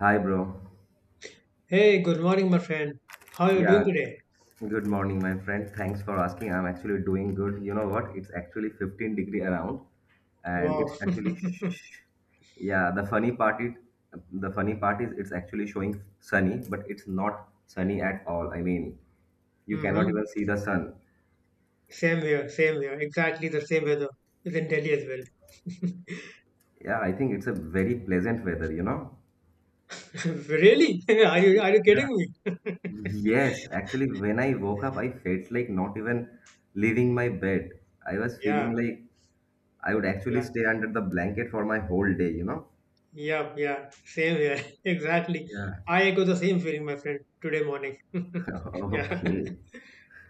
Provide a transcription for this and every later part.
Hi, bro. Hey, good morning, my friend. How are you doing Yeah, today? good morning, my friend. Thanks for asking. I'm actually doing good. You know what? It's actually 15-degree around, and Wow. Yeah. The funny part is it's actually showing sunny, but it's not sunny at all. I mean, you cannot even hmm see the sun. Same here, same here. Exactly the same weather is in Delhi as well. Yeah, I think it's a very pleasant weather. Really? Are you Yeah. kidding me? Yes, actually, when I woke up, I felt like not even leaving my bed. I was Yeah, feeling like I would actually yeah, stay under the blanket for my whole day. yeah, yeah. Same here. Exactly. Yeah. I echo the same feeling, my friend, today morning. Yeah. Okay.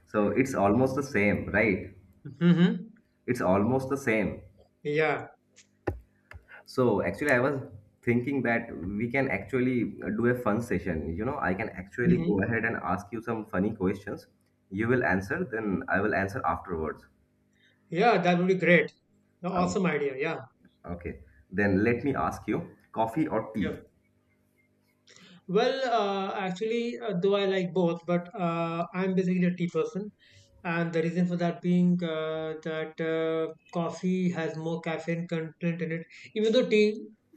So it's almost the same, right? hmm It's almost the same. Yeah. So actually, I was thinking that we can actually do a fun session. You know, I can actually hmm go ahead and ask you some funny questions. You will answer, then I will answer afterwards. Yeah, that would be great. Oh, Awesome idea. Yeah. okay. Then let me ask you, coffee or tea? Yeah. Well, actually, though I like both, but I'm basically a tea person. And the reason for that being, that coffee has more caffeine content in it, even though tea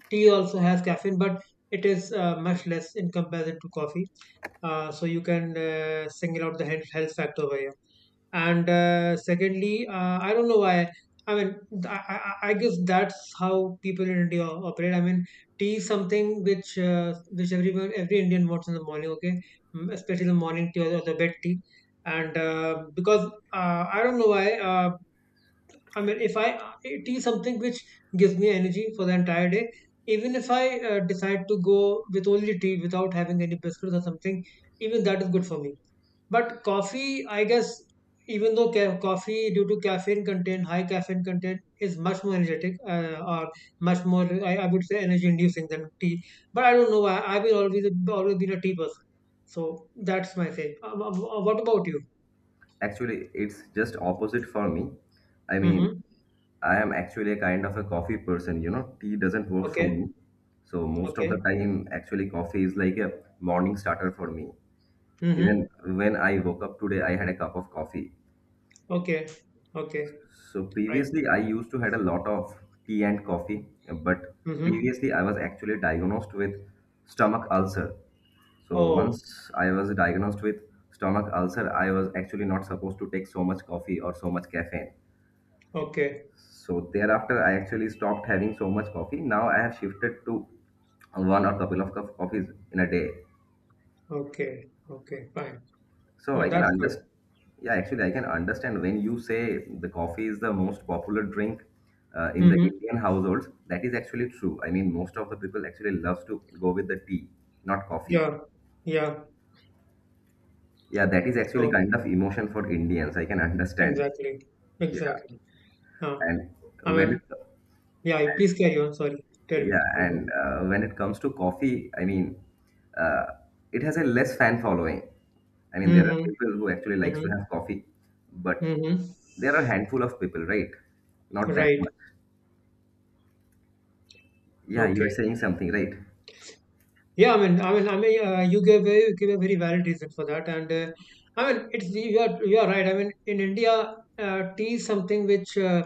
tea also has caffeine, but it is, much less in comparison to coffee. So you can, single out the health factor over here, and secondly, I don't know why. I mean, I guess that's how people in India operate. I mean, tea is something which, everyone every indian wants in the morning. Okay. Mm, especially the morning tea, or the bed tea, and because, I don't know why. I mean, if I, tea is something which gives me energy for the entire day, even if I, decide to go with only tea without having any biscuits or something, even that is good for me. But coffee, I guess, even though, coffee due to caffeine content, high caffeine content, is much more energetic, or much more, I would say, energy inducing than tea. But I don't know why. I've been always been a tea person, so that's my thing. What about you? Actually, it's just opposite for me. I mean, Mm-hmm. I am actually a kind of a coffee person, you know, tea doesn't work for Okay. me. So most of the Okay. time, actually, coffee is like a morning starter for me. Mm-hmm. Even when I woke up today, I had a cup of coffee. Okay. Okay. So Right. previously, I used to had a lot of tea and coffee, but Mm-hmm. previously I was actually diagnosed with stomach ulcer. So Oh. once I was diagnosed with stomach ulcer, I was actually not supposed to take so much coffee or so much caffeine. Okay. So thereafter, I actually stopped having so much coffee. Now I have shifted to one or couple of cup of coffees in a day. Okay. Okay. Fine. So I can That's good. understand. Yeah, actually, I can understand when you say the coffee is the most popular drink in the Mm-hmm. Indian households. That is actually true. I mean, most of the people actually loves to go with the tea, not coffee. Yeah. Yeah. Yeah, that is actually So, kind of emotion for Indians. I can understand. exactly. Yeah, Exactly. Huh. and I when mean, it yeah, please carry on. Sorry. Tell me. Yeah, Mm-hmm. and when it comes to coffee, I mean, uh, it has a less fan following. I mean, there are Mm-hmm. people who actually likes to Mm-hmm. have coffee, but Mm-hmm. there are handful of people, right? Not that Right. much. Yeah, you are Okay. saying something, right? Yeah, I mean, you gave a very valid reason for that, and, I mean, it's, you are right. I mean, in India, tea is something which, uh,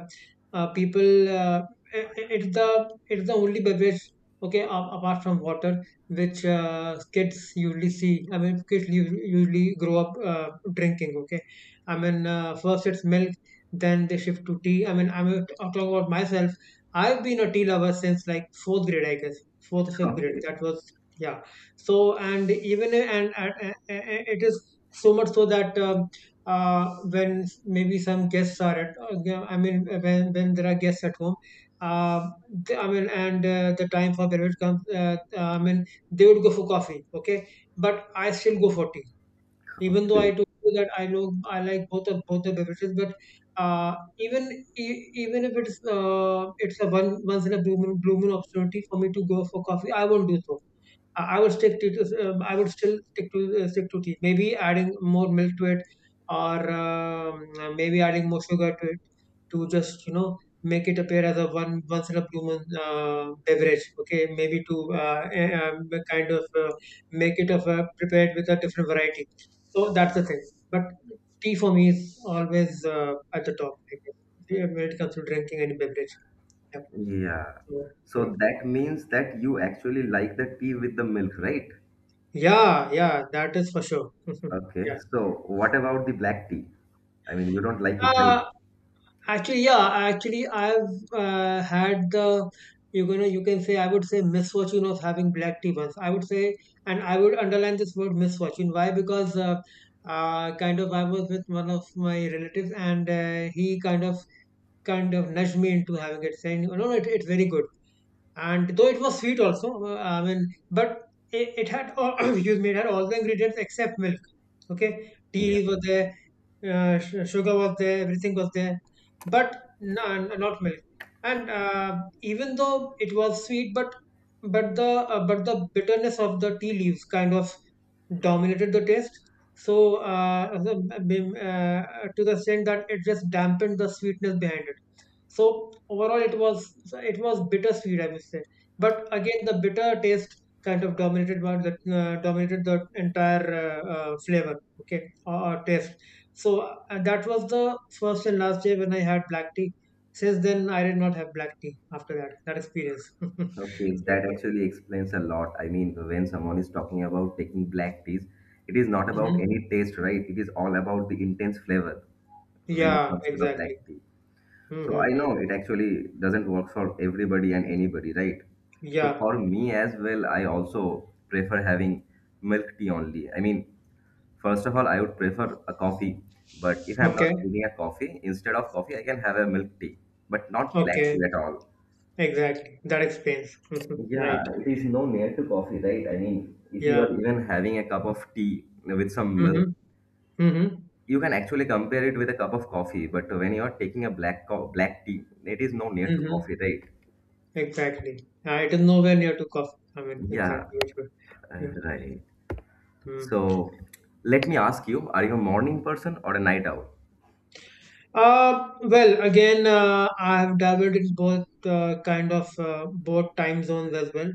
uh, people, i- i- it's the it's the only beverage. Okay, apart from water, which, kids usually see. I mean, kids, usually grow up, drinking. Okay, I mean, first it's milk, then they shift to tea. I mean, I'm talking about myself. I've been a tea lover since, like, fourth grade, I guess, fourth or fifth grade. Okay, That was, yeah, so, and even, and it is so much so that, uh, maybe some guests are at, when there are guests at home, uh, the- I mean and the time for beverage comes, they would go for coffee. Okay, but I still go for tea, even though I okay, told you that I know I like both of, both the beverages, but, uh, even, even if it's, it's a one once in a blue moon opportunity for me to go for coffee, I won't do so. I would stick to, I would still stick to, stick to tea. Maybe adding more milk to it, or, maybe adding more sugar to it, to just, make it appear as a, one once in a blue moon, beverage. Okay, maybe to, kind of, make it of a prepared with a different variety. So that's the thing. But tea for me is always, at the top. I guess. Yeah, when it comes to drinking any beverage. Yeah. yeah. So, yeah, So that means that you actually like the tea with the milk, right? yeah, yeah. That is for sure. Okay. Yeah. So what about the black tea? I mean, you don't like it, right? Uh, Actually, yeah, actually, I've, had the, you can say, I would say, misfortune of having black tea once. I would say. And I would underline this word, misfortune. Why? Because, kind of, I was with one of my relatives, and, he kind of nudged me into having it, saying, "No, no, it's very good." And though it was sweet also, I mean, but it had all excuse me, it had all the ingredients except milk. Okay, tea leaves were there, sugar was there, everything was there, but no, not milk. And, even though it was sweet, but, but the bitterness of the tea leaves kind of dominated the taste. So, to the extent that it just dampened the sweetness behind it. So, overall, it was bittersweet, I would say. But again, the bitter taste kind of, dominated one that dominated the entire, flavor, okay, or taste. So, that was the first and last day when I had black tea. Since then, I did not have black tea after that experience. So Okay, it that was- actually explains a lot. I mean, when someone is talking about taking black teas, it is not about Mhm. any taste, right? It is all about the intense flavor when it Yeah, comes to the black exactly. tea. So I Mm-hmm. know it actually doesn't work for everybody and anybody, right? So Yeah. for me as well, I also prefer having milk tea only. I mean, first of all, I would prefer a coffee, but if I'm not Okay. getting a coffee, instead of coffee, I can have a milk tea, but not black Okay. tea at all. Exactly. That explains. Yeah, Right. it is no near to coffee, right? I mean, if you Yeah. are even having a cup of tea with some Mm-hmm. milk, Mm-hmm. you can actually compare it with a cup of coffee. But when you are taking a black tea, it is no near to Mm-hmm. coffee, right? Exactly. It is nowhere near to coffee. I mean, Yeah, exactly. It, will- yeah. Right. Mm. So let me ask you, are you a morning person or a night owl? Well, again, I have dabbled in both, kind of, both time zones as well.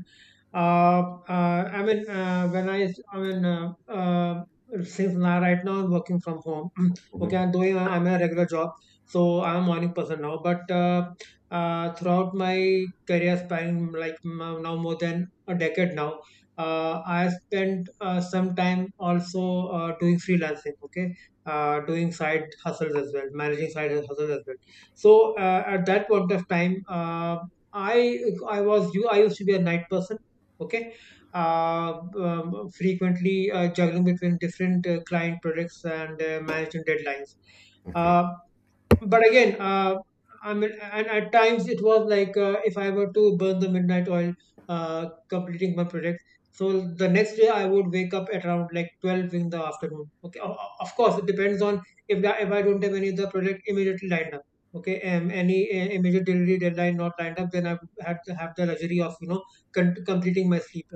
I mean, when I mean, since now, right now I'm working from home. Okay, Hmm. I'm a regular job, so I'm a morning person now. But, throughout my career span, like, now, more than a decade now, I spent, some time also, doing freelancing. Okay. Doing side hustles as well, managing side hustles as well. So, at that point of time, I I was you I used to be a night person. Okay, frequently, juggling between different, client projects and, management deadlines. Okay. Uh, but again, I mean, and at times it was like, if I were to burn the midnight oil, completing my project. So the next day I would wake up at around, like, 12 in the afternoon. Okay, of course it depends on, if I don't have any other project immediately lined up. Okay, any, immediate delivery deadline not lined up, then I would have to have the luxury of, completing my sleep.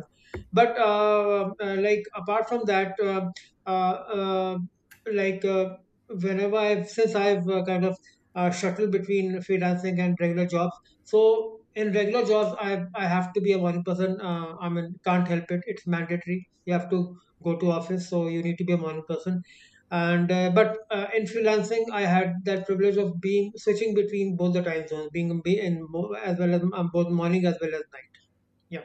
But, like apart from that, uh, uh, like uh, whenever I've since I've, kind of, shuttle between freelancing and regular jobs. So in regular jobs, I have to be a morning person. I mean, can't help it. It's mandatory. You have to go to office, so you need to be a morning person. And, but in freelancing, I had that privilege of being switching between both the time zones, being, as well as, both morning as well as night. Yeah.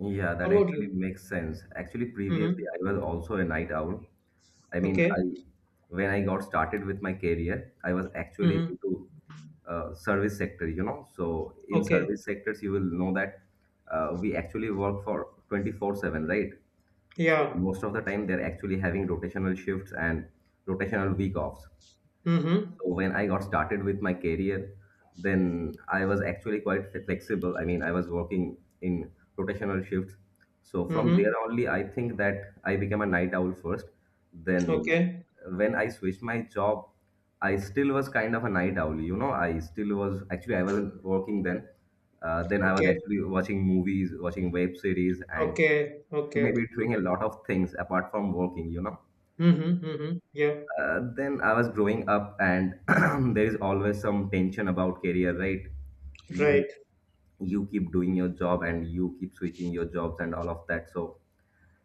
Yeah, What that about you? actually makes sense. Actually, previously Mm-hmm. I was also a night owl. I mean, Okay. I when I got started with my career, I was actually Mm-hmm. into service sector, you know. So in Okay. service sectors, you will know that we actually work for 24/7, right? So Yeah. most of the time they're actually having rotational shifts and rotational week offs. Mm-hmm. So when I got started with my career, then I was actually quite flexible. I mean, I was working in rotational shifts. So from Mm-hmm. there only, I think that I became a night owl first. Then Okay. when I switched my job, I still was kind of a night owl. You know, I wasn't working then. Then I was Okay. actually watching movies, watching web series, and Okay. Okay. maybe doing a Mm-hmm. lot of things apart from working. You know. Mhm, mhm. Yeah, Then I was growing up, and there is always some tension about career, right? You right. you keep doing your job and you keep switching your jobs and all of that. So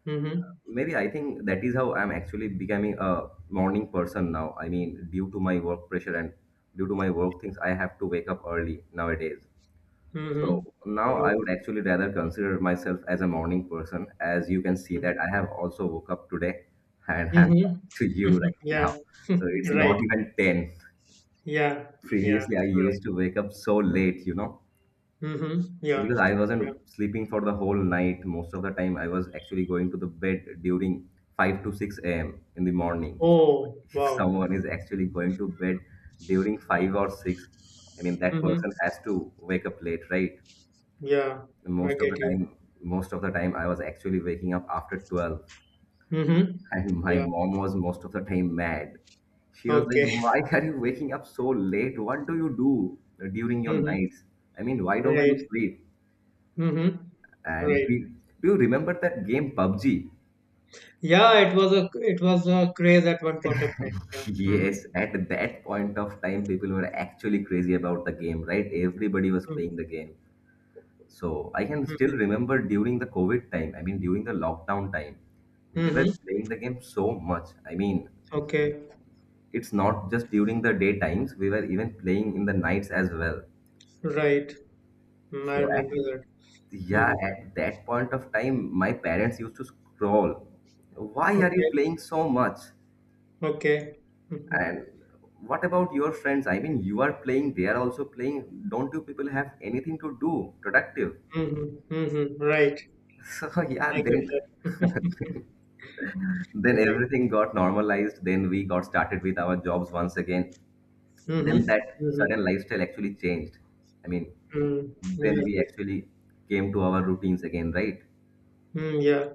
Mhm, maybe I think that is how I'm actually becoming a morning person now. I mean, due to my work pressure and due to my work things, I have to wake up early nowadays. mhm. So now Right. I would actually rather consider myself as a morning person, as you can see Mhm. that I have also woke up today and I'm Mhm. talking to you right Yeah. now. So it's Right. not even 10. Yeah. Yeah. Previously, I Right. used to wake up so late, you know, Mm-hmm. Yeah. because I Yeah. wasn't sleeping for the whole night. Most of the time, I was actually going to the bed during 5 to 6 a.m. in the morning. So, Oh, if wow. someone is actually going to bed during 5 or 6, I mean, that Mm-hmm. person has to wake up late, right? Yeah. I Most of the get you. time, most of the time, I was actually waking up after 12. Mm-hmm. And my Yeah. mom was most of the time mad. She was like, Okay. why are you waking up so late? What do you do during your Mm-hmm. nights? I mean, why don't you Right. sleep? Mm-hmm. And Right. we, do you remember that game PUBG? Yeah, it was a craze at one point of time. Yeah. Mm-hmm. Yes, at that point of time, people were actually crazy about the game, right? Everybody was Mm-hmm. playing the game. So I can still remember during the COVID time, I mean, during the lockdown time, we were Mm-hmm, playing the game so much. I mean, Okay. it's not just during the day times, we were even playing in the nights as well. Right. Mm, I So remember at that. Mm-hmm. yeah, at that point of time, my parents used to scroll. Why are you Okay. playing so much? Okay. Mhm. And what about your friends? I mean, you are playing, they are also playing. Don't you people have anything to do productive? Mhm. Mhm. Right. So yeah, I get that. then Right. everything got normalized. Then we got started with our jobs once again. Mhm. Then that Mhm. sudden lifestyle actually changed. I mean, Mm. Yeah. when we Right. actually came to our routines again, right? Mm, yeah.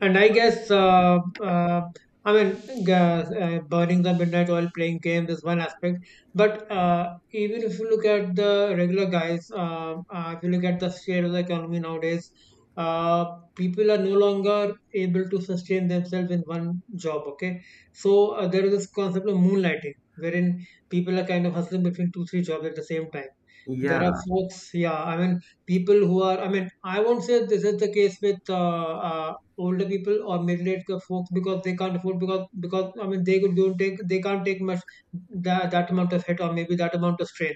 And I guess, uh, I mean, burning the midnight oil, playing games is one aspect. But, even if you look at the regular guys, if you look at the state of the economy nowadays, uh, people are no longer able to sustain themselves in one job. Okay, so, there is this concept of moonlighting, wherein people are kind of hustling between two, three jobs at the same time. There are Yeah. folks, yeah. I mean, people who are. I mean, I won't say this is the case with, older people or middle-aged folks, because they can't afford, because I mean, they can't take much, that amount of hit, or maybe that amount of strain.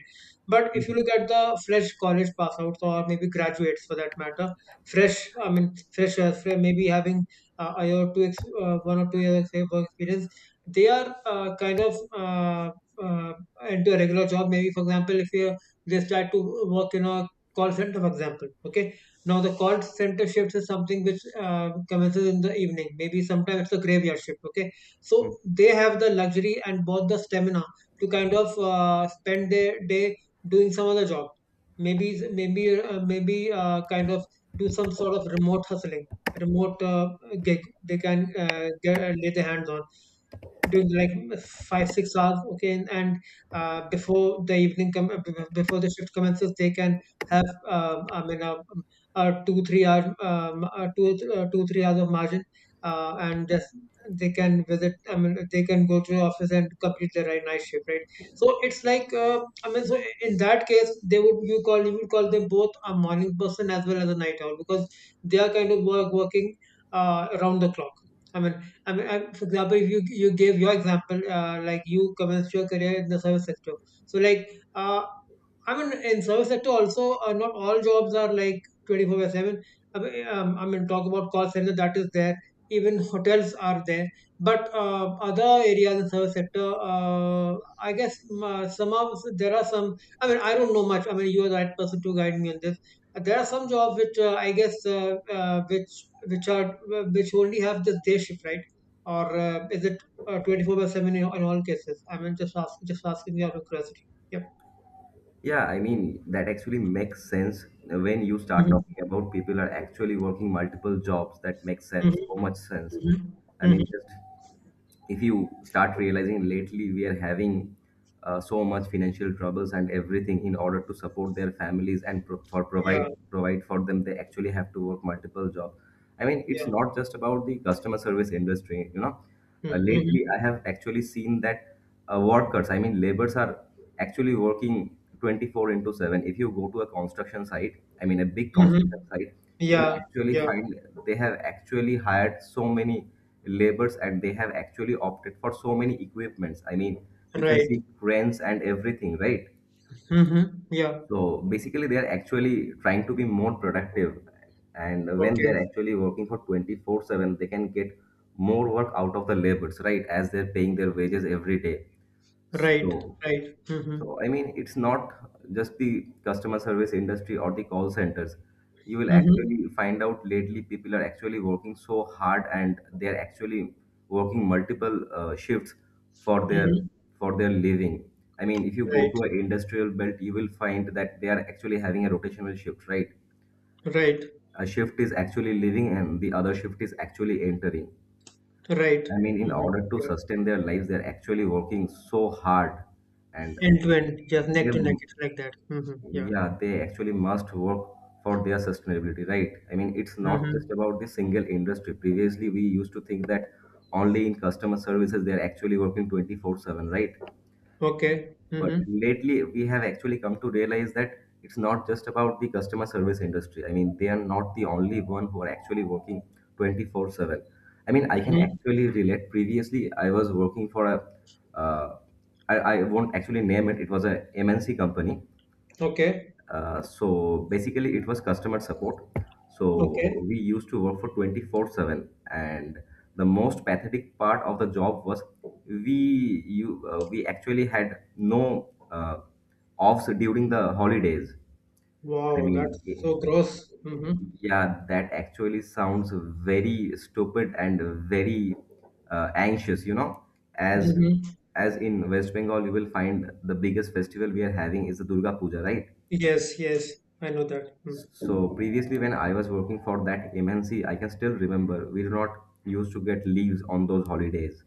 But if you Mhm. look at the fresh college passouts, or maybe graduates for that matter, fresh I mean, freshers, maybe having, a year or two, 1 or 2 years of experience. They are, kind of, uh, into a regular job. Maybe, for example, if you they start to work in a call center, for example. Okay. Now the call center shifts is something which, commences in the evening. Maybe sometimes it's a graveyard shift. Okay. So Mhm. they have the luxury and both the stamina to kind of, spend their day doing some other job. Maybe kind of do some sort of remote hustling, remote gig. They can lay their hands on during like 5-6 hours. Okay. And before the evening come, before the shift commences, they can have, I mean a two three hour, a two 2-3 hours of margin, and just, they can visit I mean they can go to the office and complete their night shift, right? So it's like, so in that case, they would you call you would call them both a morning person as well as a night owl, because they are kind of working around the clock. I mean, if you gave your example, like you commenced your career in the service sector. So, like, uh, I mean, in service sector also, not all jobs are like 24/7. I mean, talk about call center, that is there. Even hotels are there. But other areas in service sector, I guess, there are some. I mean, I don't know much. I mean, you are the right person to guide me on this. There are some jobs which, I guess, which are, which only have this day shift, right? Or, is it 24/7 in, all cases? Just asking out of curiosity. Yep. Yeah, I mean, that actually makes sense when you start Hmm. talking about people are actually working multiple jobs. That makes Hmm. sense, so much sense. Hmm. I Hmm. mean, just if you start realizing lately we are having so much financial troubles and everything in order to support their families and pro- for provide Yeah. For them, they actually have to work multiple jobs. I mean, it's Yeah. not just about the customer service industry, you know. Lately, Hmm. I have actually seen that workers, I mean laborers, are actually working 24 into 7. If you go to a construction site, I mean a big Hmm. construction site, you will Yeah. actually Yeah. find they have actually hired so many laborers, and they have actually opted for so many equipments. I mean, you can Right. see cranes and everything, right? Hmm. Yeah. So basically they are actually trying to be more productive, and when they Okay. are actually working for 24/7, they can get more work out of the laborers, right? As they're paying their wages every day. Right. so Right. Hmm. so, I mean, it's not just the customer service industry or the call centers. You will Hmm. actually find out lately people are actually working so hard and they're actually working multiple shifts for their Hmm. Living. I mean, if you go Right. to an industrial belt, you will find that they are actually having a rotational shift, right? Right. A shift is actually leaving and the other shift is actually entering. Right. I mean, in Hmm. order to Yeah. sustain their lives, they're actually working so hard and End to end, just neck they to neck, it's like that. Hmm. Yeah. Yeah, they actually must work for their sustainability, right? I mean, it's not Hmm. just about the single industry. Previously, we used to think that only in customer services they are actually working 24/7, right? Okay. But Hmm. lately, we have actually come to realize that it's not just about the customer service industry. I mean, they are not the only one who are actually working 24/7. I mean, I can Hmm. actually relate. Previously, I was working for a, uh, I, I won't actually name it, it was a MNC company. Okay. So basically, it was customer support. Okay. So we used to work for 24/7, and the most pathetic part of the job was we actually had no offs during the holidays. I Wow, that's mean, so gross. Hmm. yeah, that actually sounds very stupid and very anxious, you know, as Hmm. as in West Bengal, you will find the biggest festival we are having is the Durga Puja, right? Yes, yes, I know that. Mm. So previously, when I was working for that MNC, I can still remember we do not used to get leaves on those holidays.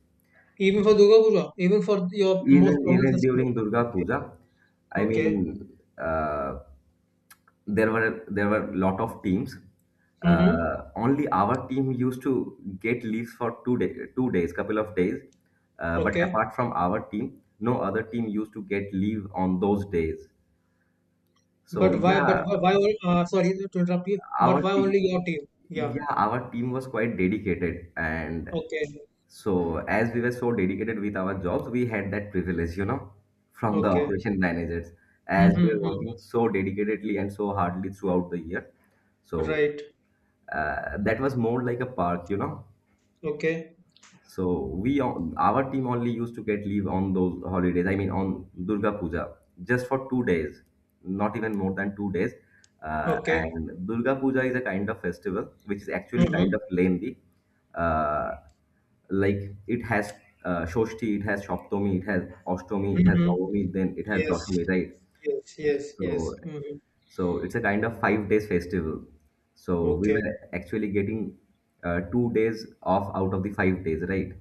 Even for Durga Puja, even for your most Even prominent even festival. during Durga Okay, Puja, I okay. mean, there were lot of teams. Mm-hmm. Only our team used to get leaves for 2 days, couple of days. But Okay. apart from our team, no other team used to get leave on those days. So But why, but yeah, why, why only, sorry to interrupt you, but our why team. only your team? Yeah, Yeah, our team was quite dedicated, and okay, so as we were so dedicated with our jobs, we had that privilege, you know, from the okay. operation managers, as Mm-hmm, we were working mm-hmm. so dedicatedly and so hardly throughout the year. So Right, that was more like a park, you know. okay, So we on our team only used to get leave on those holidays. I mean on Durga Puja, just for 2 days, not even more than 2 days. Okay. And Durga Puja is a kind of festival which is actually Mm-hmm, kind of lengthy. Uh, like it has Shoshti, it has Shaptami, it has Ashtami, it has mm-hmm. Navami, then it has Yes, Dashami, right? yes, yes, yes. So Mm-hmm. so it's a kind of 5 days festival. So we Okay, were actually getting 2 days off out of the 5 days, right?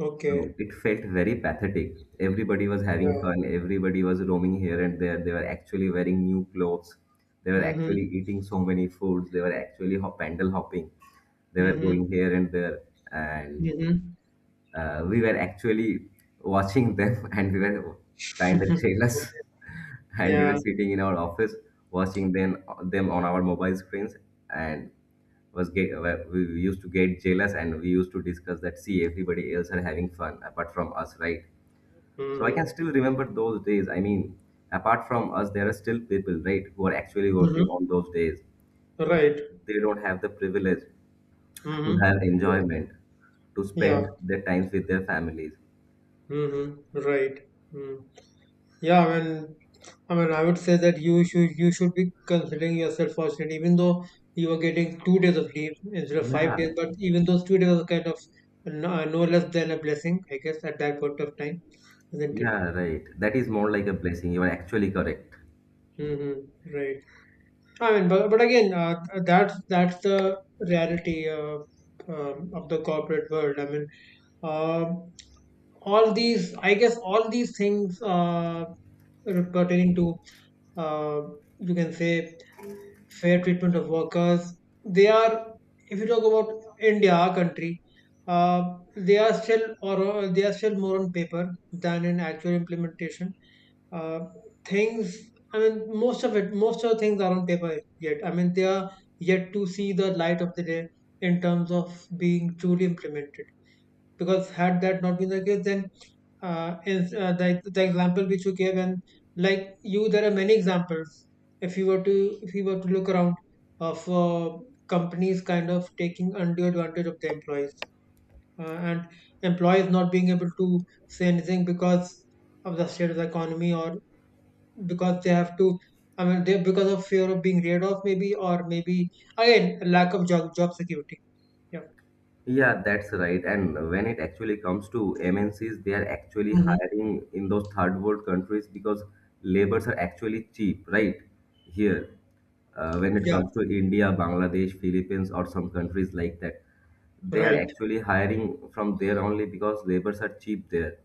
okay. So it felt very pathetic. Everybody was having Yeah. fun. Everybody was roaming here and there. They were actually wearing new clothes. They were Mm-hmm, actually eating so many foods. They were actually pandal hopping. They were mm-hmm, going here and there. And mm-hmm. We were actually watching them and we were kind of jealous. And we were Yeah. sitting in our office watching them on our mobile screens. And was get, we used to get jealous, and we used to discuss that, see, everybody else are having fun apart from us, right? So I can Mm-hmm. still remember those days. I mean, apart from us, there are still people, right, who are actually working Mm-hmm. on those days. Right. They don't have the privilege to Mm-hmm. have enjoyment, to spend Yeah. their times with their families. Mm-hmm. Right. Mm. Yeah. I mean, I would say that you should be considering yourself fortunate, even though you are getting 2 days of leave instead of 5 days. Yeah. But even those 2 days are kind of no less than a blessing, I guess, at that point of time, isn't it? Yeah, right, that is more like a blessing. You are actually correct. Mm-hmm. Right. I mean, but again, that's the reality, of the corporate world. I mean, um all these, I guess, all these things, pertaining to, uh, you can say, fair treatment of workers. They are, if you talk about India, our country, uh, they are still, or they are still more on paper than in actual implementation, uh, things I mean, most of it, most of the things are on paper yet. I mean, they are yet to see the light of the day in terms of being truly implemented. Because had that not been the case, then, is the example which you gave, and like you, there are many examples, if you were to, look around, of companies kind of taking undue advantage of the employees, and employees not being able to say anything because of the state of the economy, or because they have to, I mean they because of fear of being laid off, maybe, or maybe, again, lack of job security. Yeah. Yeah, that's right. And when it actually comes to MNCs, they are actually Hmm. hiring in those third world countries because labors are actually cheap, right? Here, when it Yeah. comes to India, Bangladesh, Philippines, or some countries like that, they are Right. actually hiring from there only because labors are cheap there.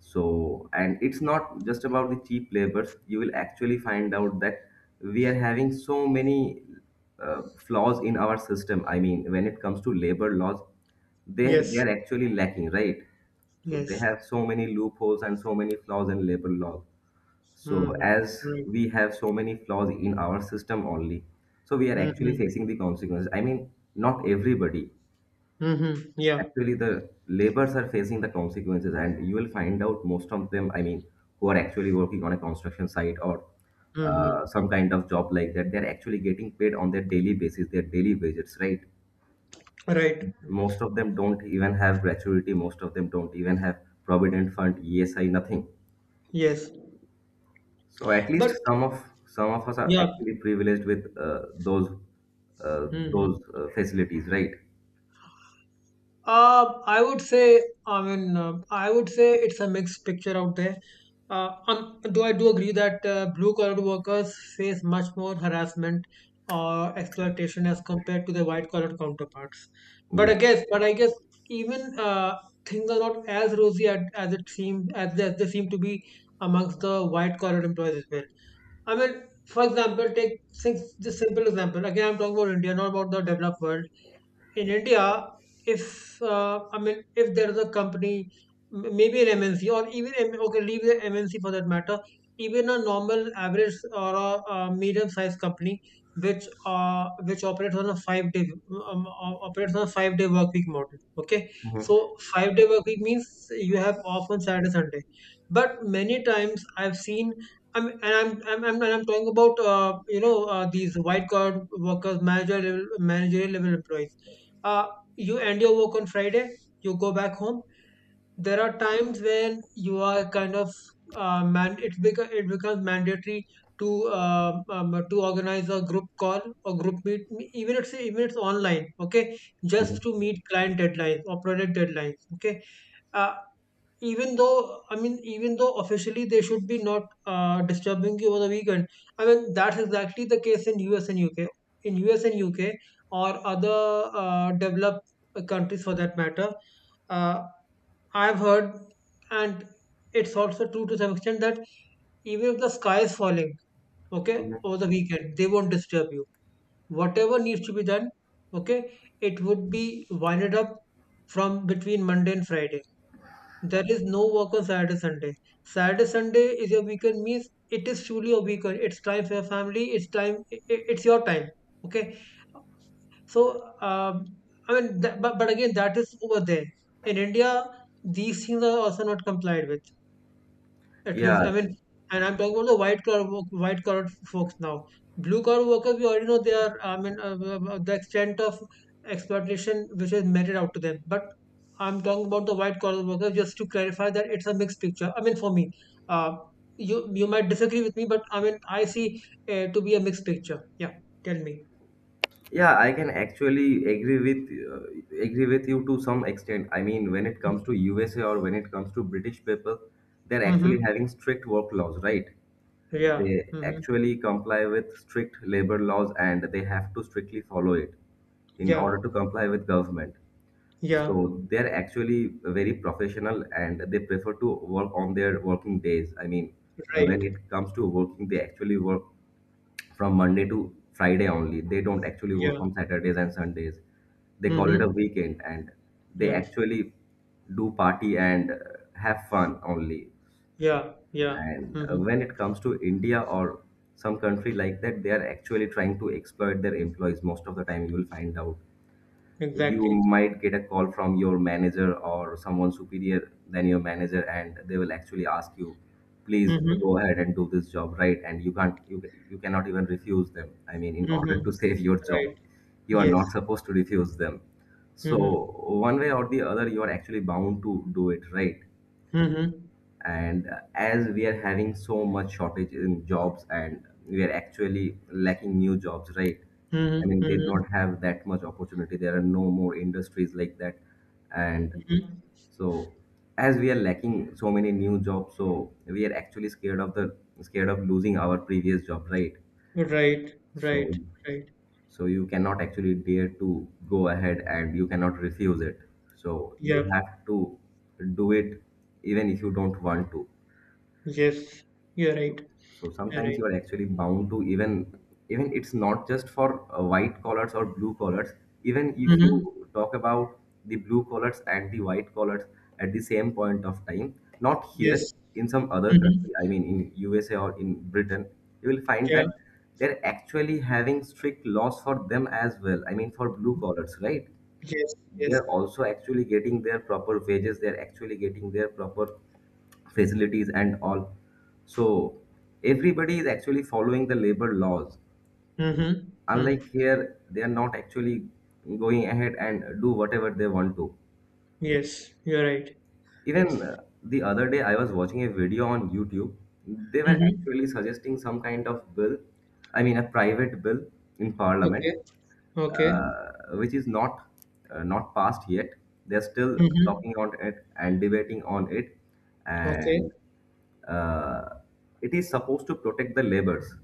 So, and it's not just about the cheap labors. You will actually find out that we are having so many flaws in our system. I mean, when it comes to labor laws, they Yes. are actually lacking, right? So they Yes. have so many loopholes and so many flaws in labor law. So Mm-hmm. as Right. we have so many flaws in our system only, so we are actually Mm-hmm. facing the consequences. I mean, not everybody, Mm-hmm. Yeah. actually the laborers are facing the consequences. And you will find out most of them, I mean, who are actually working on a construction site or Mm-hmm. some kind of job like that, they're actually getting paid on their daily basis, their daily wages, right? Right. Most of them don't even have gratuity. Most of them don't even have provident fund, ESI, nothing. Yes. So at least But some of us are yeah. actually privileged with those uh, Mm-hmm. those facilities, right? I would say, it's a mixed picture out there. Though I do agree that blue collar workers face much more harassment or exploitation as compared to their white collar counterparts. Yeah. But I guess even, things are not as rosy as, it seem as they seem to be amongst the white collar employees as well. I mean, for example, take six, just simple example. Again, I'm talking about India, not about the developed world. In India, if, if there is a company, maybe an MNC, okay, leave the MNC for that matter. Even a normal average, or a medium-sized company, which operates on a five-day, operates on a five-day work week model. Okay, Mhm. so five-day work week means you have off on Saturday, Sunday. But many times I've seen. I'm, and I'm talking about, you know, these white collar workers, managerial level employees, uh, you end your work on Friday, you go back home. There are times when you are kind of, man. It becomes mandatory to, to organize a group call or group meet, even it's online. Okay, Mhm. just to meet client deadlines or product deadlines. Okay, uh, even though officially they should be not, disturbing you over the weekend. I mean, that's exactly the case in US and UK, in us and uk or other, developed, countries for that matter. uh, I've heard, and it's also true to some extent that even if the sky is falling, okay, over Mhm. the weekend they won't disturb you. Whatever needs to be done, okay, it would be winded up from between Monday and Friday. There is no work on Saturday, Sunday. Saturday, Sunday is your weekend means it is truly a weekend. It's time for your family. It's time. It's your time. Okay. So, um, I mean, but again, that is over there. In India, these things are also not complied with. At least, Yeah. I mean, and I'm talking about the white collar folks now. Blue collar workers, we already know they are. I mean, the extent of exploitation which is meted out to them. But I'm talking about the white collar workers. Just to clarify that it's a mixed picture. I mean, for me, uh, you might disagree with me, but I mean, I see, to be a mixed picture. Yeah, tell me. Yeah, I can actually agree with you to some extent. I mean, when it comes to USA or when it comes to British people, they're actually Mm-hmm. having strict work laws, right? Yeah. They Mm-hmm. actually comply with strict labor laws and they have to strictly follow it in Yeah. order to comply with government. Yeah. So they're actually very professional and they prefer to work on their working days. I mean, when Right. it comes to working, they actually work from Monday to Friday only. They don't actually work Yeah. on Saturdays and Sundays. They call it a Mm-hmm. weekend and they Yeah. actually do party and have fun only. Yeah. Yeah. And Mm-hmm. when it comes to India or some country like that, they are actually trying to exploit their employees most of the time. You will find out, you Exactly. might get a call from your manager or someone superior than your manager, and they will actually ask you, please Mm-hmm. go ahead and do this job, right? And you can't you, you cannot even refuse them. I mean, in order Mm-hmm. to save your job, Right. you are Yes. not supposed to refuse them. So Mm-hmm. one way or the other, you are actually bound to do it, right? Mm-hmm. And as we are having so much shortage in jobs and we are actually lacking new jobs, right? I Mm-hmm. mean, they Mm-hmm. don't have that much opportunity. There are no more industries like that. And Mm-hmm. so as we are lacking so many new jobs, so we are actually scared of losing our previous job, right? Right. Right. so Right. so you cannot actually dare to go ahead and you cannot refuse it. So you Yep. have to do it, even if you don't want to. Yes. You're right. So You're sometimes right. you are actually bound to even it's not just for white collars or blue collars. Even if Mm-hmm. you talk about the blue collars and the white collars at the same point of time, not here, Yes. in some other Mm-hmm. country, I mean in USA or in Britain, you will find Yeah. that they're actually having strict laws for them as well, I mean for blue collars, right? Yes. Yes. They're also actually getting their proper wages. They're actually getting their proper facilities and all. So everybody is actually following the labor laws, Mm-hmm. Mm. unlike here they are not actually going ahead and do whatever they want to. Yes. You're right. Yes. Even the other day I was watching a video on YouTube. They were Mm-hmm. actually suggesting some kind of bill, I mean a private bill in Okay. parliament, Okay. Which is not passed yet. They're still Mm-hmm. talking on it and debating on it, Okay. and uh, it is supposed to protect the laborers.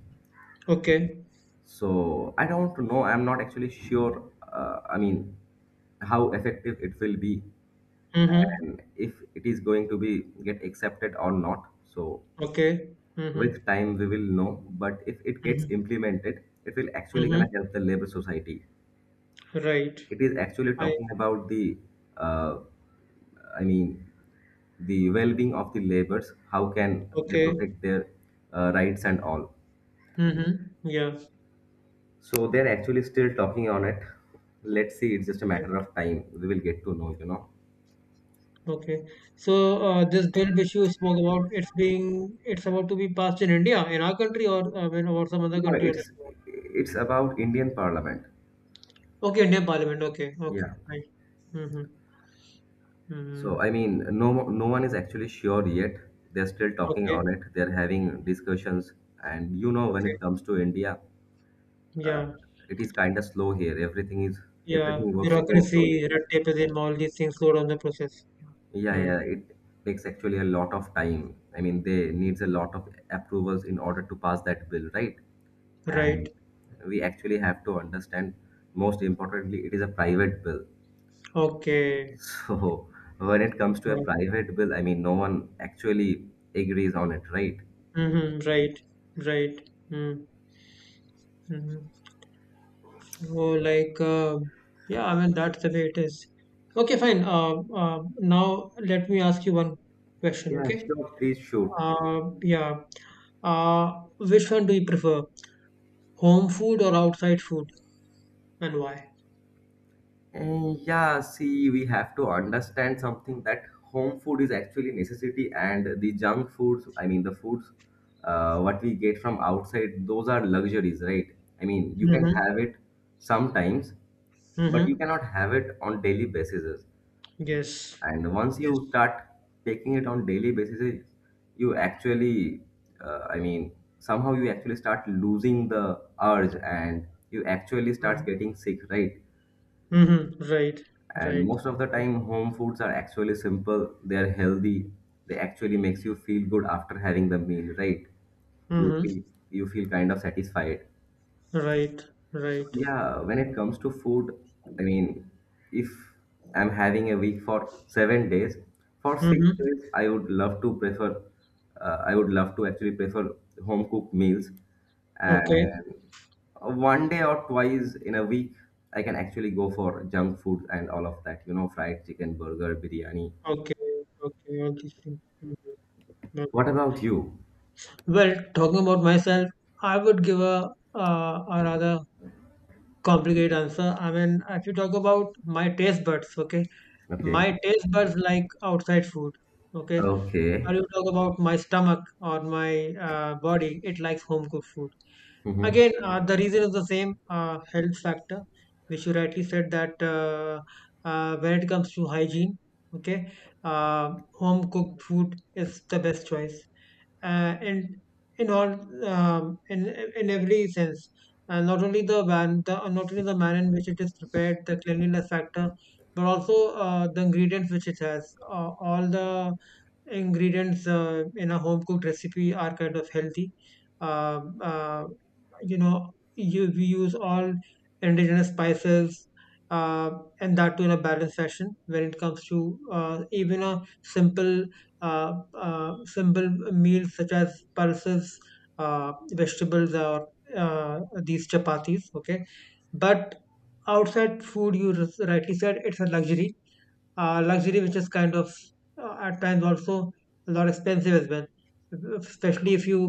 Okay. So I don't know. I'm not actually sure. I mean, how effective it will be, Mm-hmm. and if it is going to be get accepted or not. So Okay. Mm-hmm. with time we will know. But if it gets Mm-hmm. implemented, it will actually Mm-hmm. gonna help the labor society. Right. It is actually I. talking about uh, I mean, the well-being of the laborers. How can they Okay. protect their rights and all? Mm-hmm. Yeah. So they're actually still talking on it. Let's see. It's just a Okay. matter of time. We will get to know. You know. Okay. So, this bill which you spoke about, it's about to be passed in India, in our country, or, when or some other No, country you're talking it's about? it's about Indian Parliament. Okay, Indian Parliament. Okay, okay. Yeah. Right. Mm-hmm. So Mm-hmm. I mean, no one is actually sure yet. They're still talking on Okay, it. They're having discussions, and you know, when okay. it comes to India, uh, Yeah, it is kind of slow here. Yeah. Everything works so Bureaucracy, slowly. red tape, is in all these things, slow down the process. Yeah, Mm. yeah. It takes actually a lot of time. I mean, they needs a lot of approvals in order to pass that bill, right? Right. And we actually have to understand. Most importantly, it is a private bill. Okay. So when it comes to a Right. private bill, I mean, no one actually agrees on it, right? Mm-hmm. Right. Right. Mm-hmm. Mm-hmm. Oh, like, yeah, I mean, that's the way it is. Okay, fine. Now, let me ask you one question, Yeah, okay? sure. Please shoot. Yeah. Uh, which one do you prefer? Home food or outside food, and why? Yeah, see, we have to understand something that home food is actually necessity, and the junk foods, I mean, the foods, what we get from outside, those are luxuries, right? I mean, you can Mm-hmm. have it sometimes, but you Mm-hmm. cannot have it on daily basis. Yes. And once Yes. you start taking it on daily basis, you actually, I mean, somehow you actually start losing the urge, and you actually start getting sick, right? Mm-hmm. Right. And Right. most of the time home foods are actually simple, they are healthy, they actually makes you feel good after having the meal, right? you Mm-hmm. feel you feel kind of satisfied. Right. So Right. yeah, when it comes to food, I mean, if I'm having a week for 7 days, for 6 Mm-hmm. days I would love to actually prefer home cooked meals, Okay. and one day or twice in a week I can actually go for junk food and all of that, you know, fried chicken, burger, biryani. Okay. Okay. All these things. Mhm. What about you? Well, talking about myself, I would give a rather complicated answer. I mean, if you talk about my taste buds, okay, Okay. my taste buds like outside food, okay. But Okay. you talk about my stomach or my, body, it likes home cooked food. Mm-hmm. Again, the reason is the same, health factor, which you rightly said, that, when it comes to hygiene, okay, uh, home cooked food is the best choice, uh, in in all um, in in every sense. And not only the man, the not only the manner in which it is prepared, the cleanliness factor, but also, the ingredients which it has. All the ingredients, in a home cooked recipe, are kind of healthy. Um uh, we use all indigenous spices, uh, and that too in a balanced fashion, when it comes to, even a simple meal such as pulses, vegetables, or these chapatis, okay. But outside food, you rightly said, it's a luxury, luxury, which is kind of, at times, also a lot expensive as well, especially if you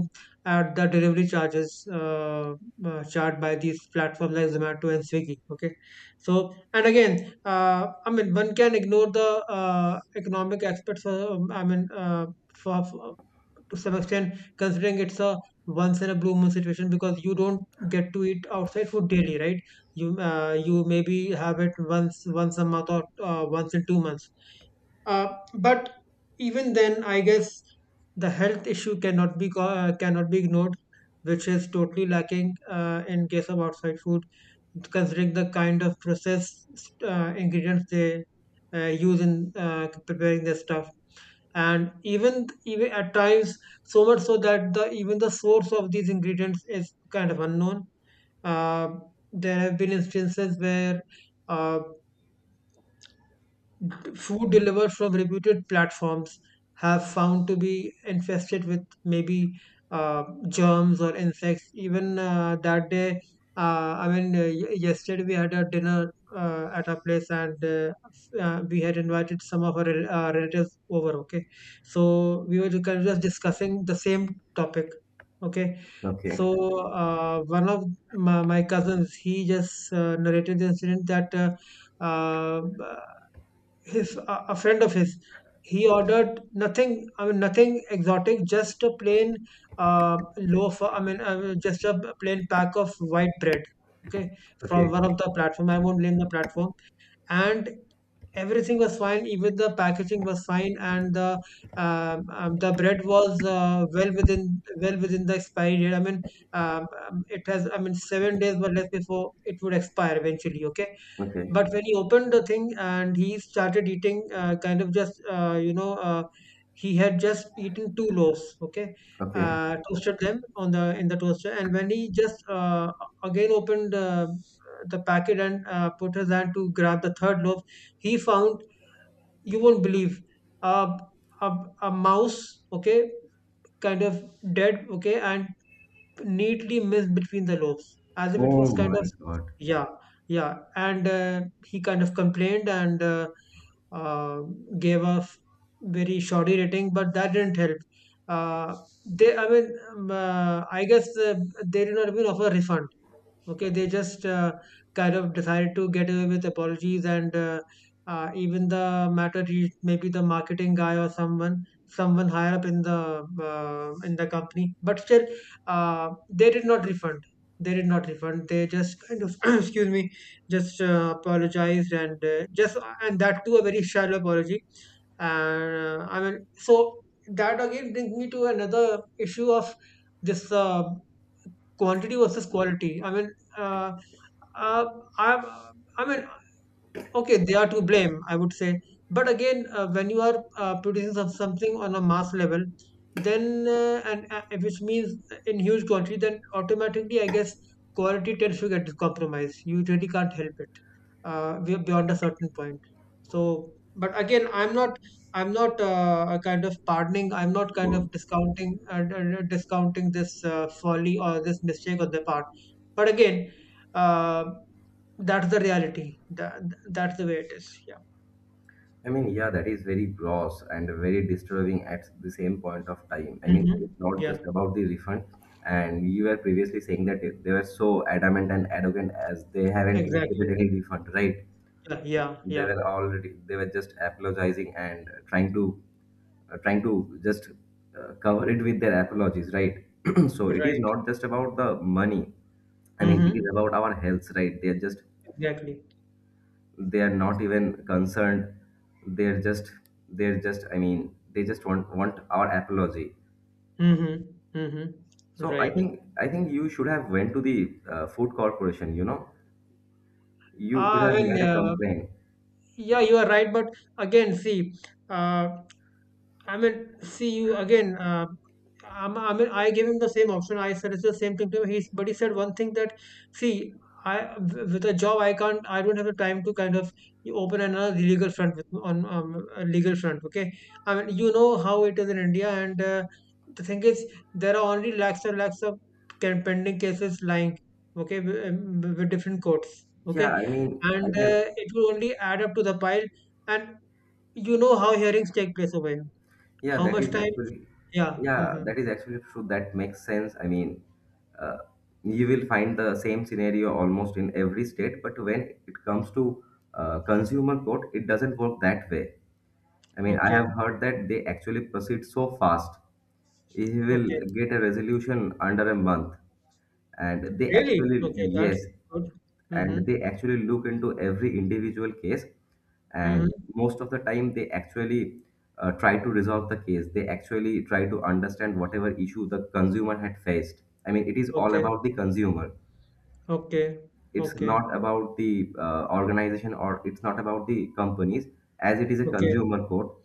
add the delivery charges, charged by these platforms like Zomato and Swiggy. Okay, so and again, I mean, one can ignore the, economic aspects. For, I mean, for to some extent, considering it's a once in a blue moon situation, because you don't get to eat outside food daily, right? You you maybe have it once a month or once in 2 months. Uh, but even then, I guess the health issue cannot be ignored, which is totally lacking in case of outside food, considering the kind of processed ingredients they use in preparing their stuff. And even at times, so much so that the even the source of these ingredients is kind of unknown. uh, there have been instances where uh, food delivered from reputed platforms have found to be infested with maybe uh, germs or insects. Even that day, yesterday we had a dinner at our place, and we had invited some of our, relatives over. Okay. So we were kind of just discussing the same topic. Okay. Okay. So one of my cousins, he just narrated the incident that uh, uh, his a friend of his. He ordered nothing, I mean, nothing exotic, just a plain loaf. I mean, just a plain pack of white bread. Okay, from Okay. one of the platform. I won't name the platform. And everything was fine. Even the packaging was fine, and the bread was well within the expiry date. I mean, it has. I mean, 7 days were left before it would expire eventually. Okay, Okay. but when he opened the thing and he started eating, he had just eaten two loaves, okay, Okay. Toasted them on the in the toaster. And when he just again opened the packet and put his hand to grab the third loaf, he found, you won't believe, a a, a mouse, okay, kind of dead, okay, and neatly missed between the lobes, as if it Oh was kind my of god. yeah, yeah. And he kind of complained and uh, gave very shoddy rating, but that didn't help. Uh, they, I guess they did not even offer a refund. Okay, they just kind of decided to get away with apologies, and even the matter reached maybe the marketing guy or someone higher up in the company. But still, they did not refund. They did not refund. They just kind of, excuse me, just apologized and just and that too a very shallow apology. And so that again brings me to another issue of this. Quantity versus quality. I mean, uh, uh, I, I mean, okay, they are to blame, I would say. But again, when you are producing something on a mass level, then and which means in huge quantity, then automatically, I guess, quality tends to get compromised. You really can't help it. We are beyond a certain point. So, but again, I'm not a kind of pardoning. I'm not kind of discounting, discounting this folly or this mistake on their part. But again, uh, that's the reality. That's the way it is. Yeah. I mean, yeah, that is very gross and very disturbing at the same point of time. I mean, Mhm. it's not Yeah. just about the refund, and you were previously saying that they were so adamant and arrogant, as they haven't initiated Exactly. any refund, right? Yeah. Yeah. Yeah. They were just apologizing, and trying to just cover it with their apologies, right? So it is Right. not just about the money. I mean, it is Mm-hmm. about our health, right? Exactly. They are not even concerned. They're just they're just I mean, they just want our apology. Mm-hmm. Mm-hmm. So i Right. think i think you should have went to the food corporation, you know. You could Ah, have well, made a yeah. complaint. Yeah, you are right. But again, see, uh, I mean, see you again. I mean, I gave him the same option. I suggested the same thing to him. But he said one thing that, see, with a job, I don't have the time to kind of open another legal front with on a legal front. Okay, I mean, you know how it is in India, and the thing is, there are only lakhs and lakhs of pending cases lying. Okay, with different courts. Yeah, Okay, I mean, I and can. It will only add up to the pile. And you know how hearings take place over here. Yeah, How that much is time? actually, Yeah. yeah, Mm-hmm. that is actually true. That makes sense. I mean, uh, you will find the same scenario almost in every state, but when it comes to consumer court, it doesn't work that way. I mean, I Okay. have heard that they actually proceed so fast. He will Okay. get a resolution under a month, and they Really? actually Okay. That's yes. good. Mm-hmm. And they actually look into every individual case, and Mm-hmm. most of the time they actually try to resolve the case. They actually try to understand whatever issue the consumer had faced. I mean, it is all Okay. about the consumer. Okay. It's Okay. not about the organization, or it's not about the companies, as it is a Okay. consumer court.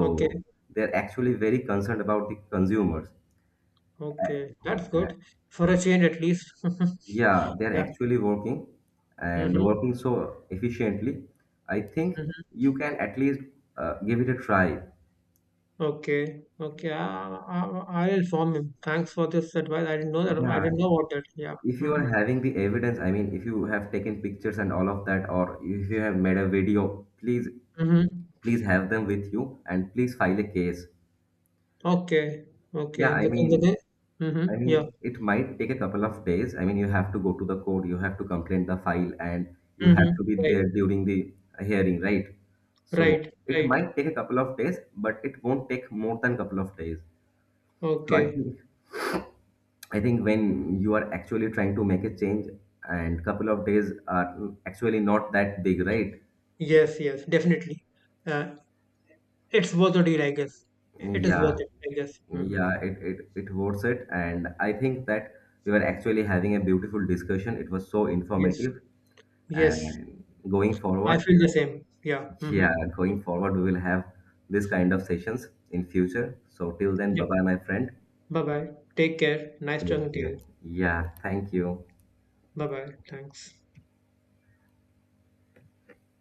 Okay. they're actually very concerned about the consumers. Okay. That's good for a change, at least. Yeah, they're Yeah. actually working and Mm-hmm. working so efficiently. I think Mm-hmm. you can at least give it a try. Okay. Okay. I'll inform him. Thanks for this advice. I didn't know that. I Yeah, didn't know about it. Yeah. if you Mm-hmm. are having the evidence, I mean, if you have taken pictures and all of that, or if you have made a video, please, Mm-hmm. please have them with you and please file a case. Okay, okay. Yeah, I In the mean, day. Mm-hmm. Yeah. It might take a couple of days. I mean, you have to go to the court, you have to complete the file, and you have Mm-hmm. to be Right. there during the hearing, right? So Right. it Right. might take a couple of days, but it won't take more than couple of days. So I Okay. think I think when you are actually trying to make a change, and couple of days are actually not that big, right? Yes. Yes. Definitely. Uh, it's worth it, I guess. It is Yeah, worth it, I guess. Mm-hmm. yeah, it worth it, and I think that we were actually having a beautiful discussion. It was so Yes. informative, Yes. and I feel the same. Yeah. yeah, Mm-hmm. Yeah. going forward, we will have this kind of sessions in future. So till then, bye Yep. bye, my friend. Bye bye. Take care. Nice talking Take to you. care. Yeah, thank you. Bye bye. Thanks.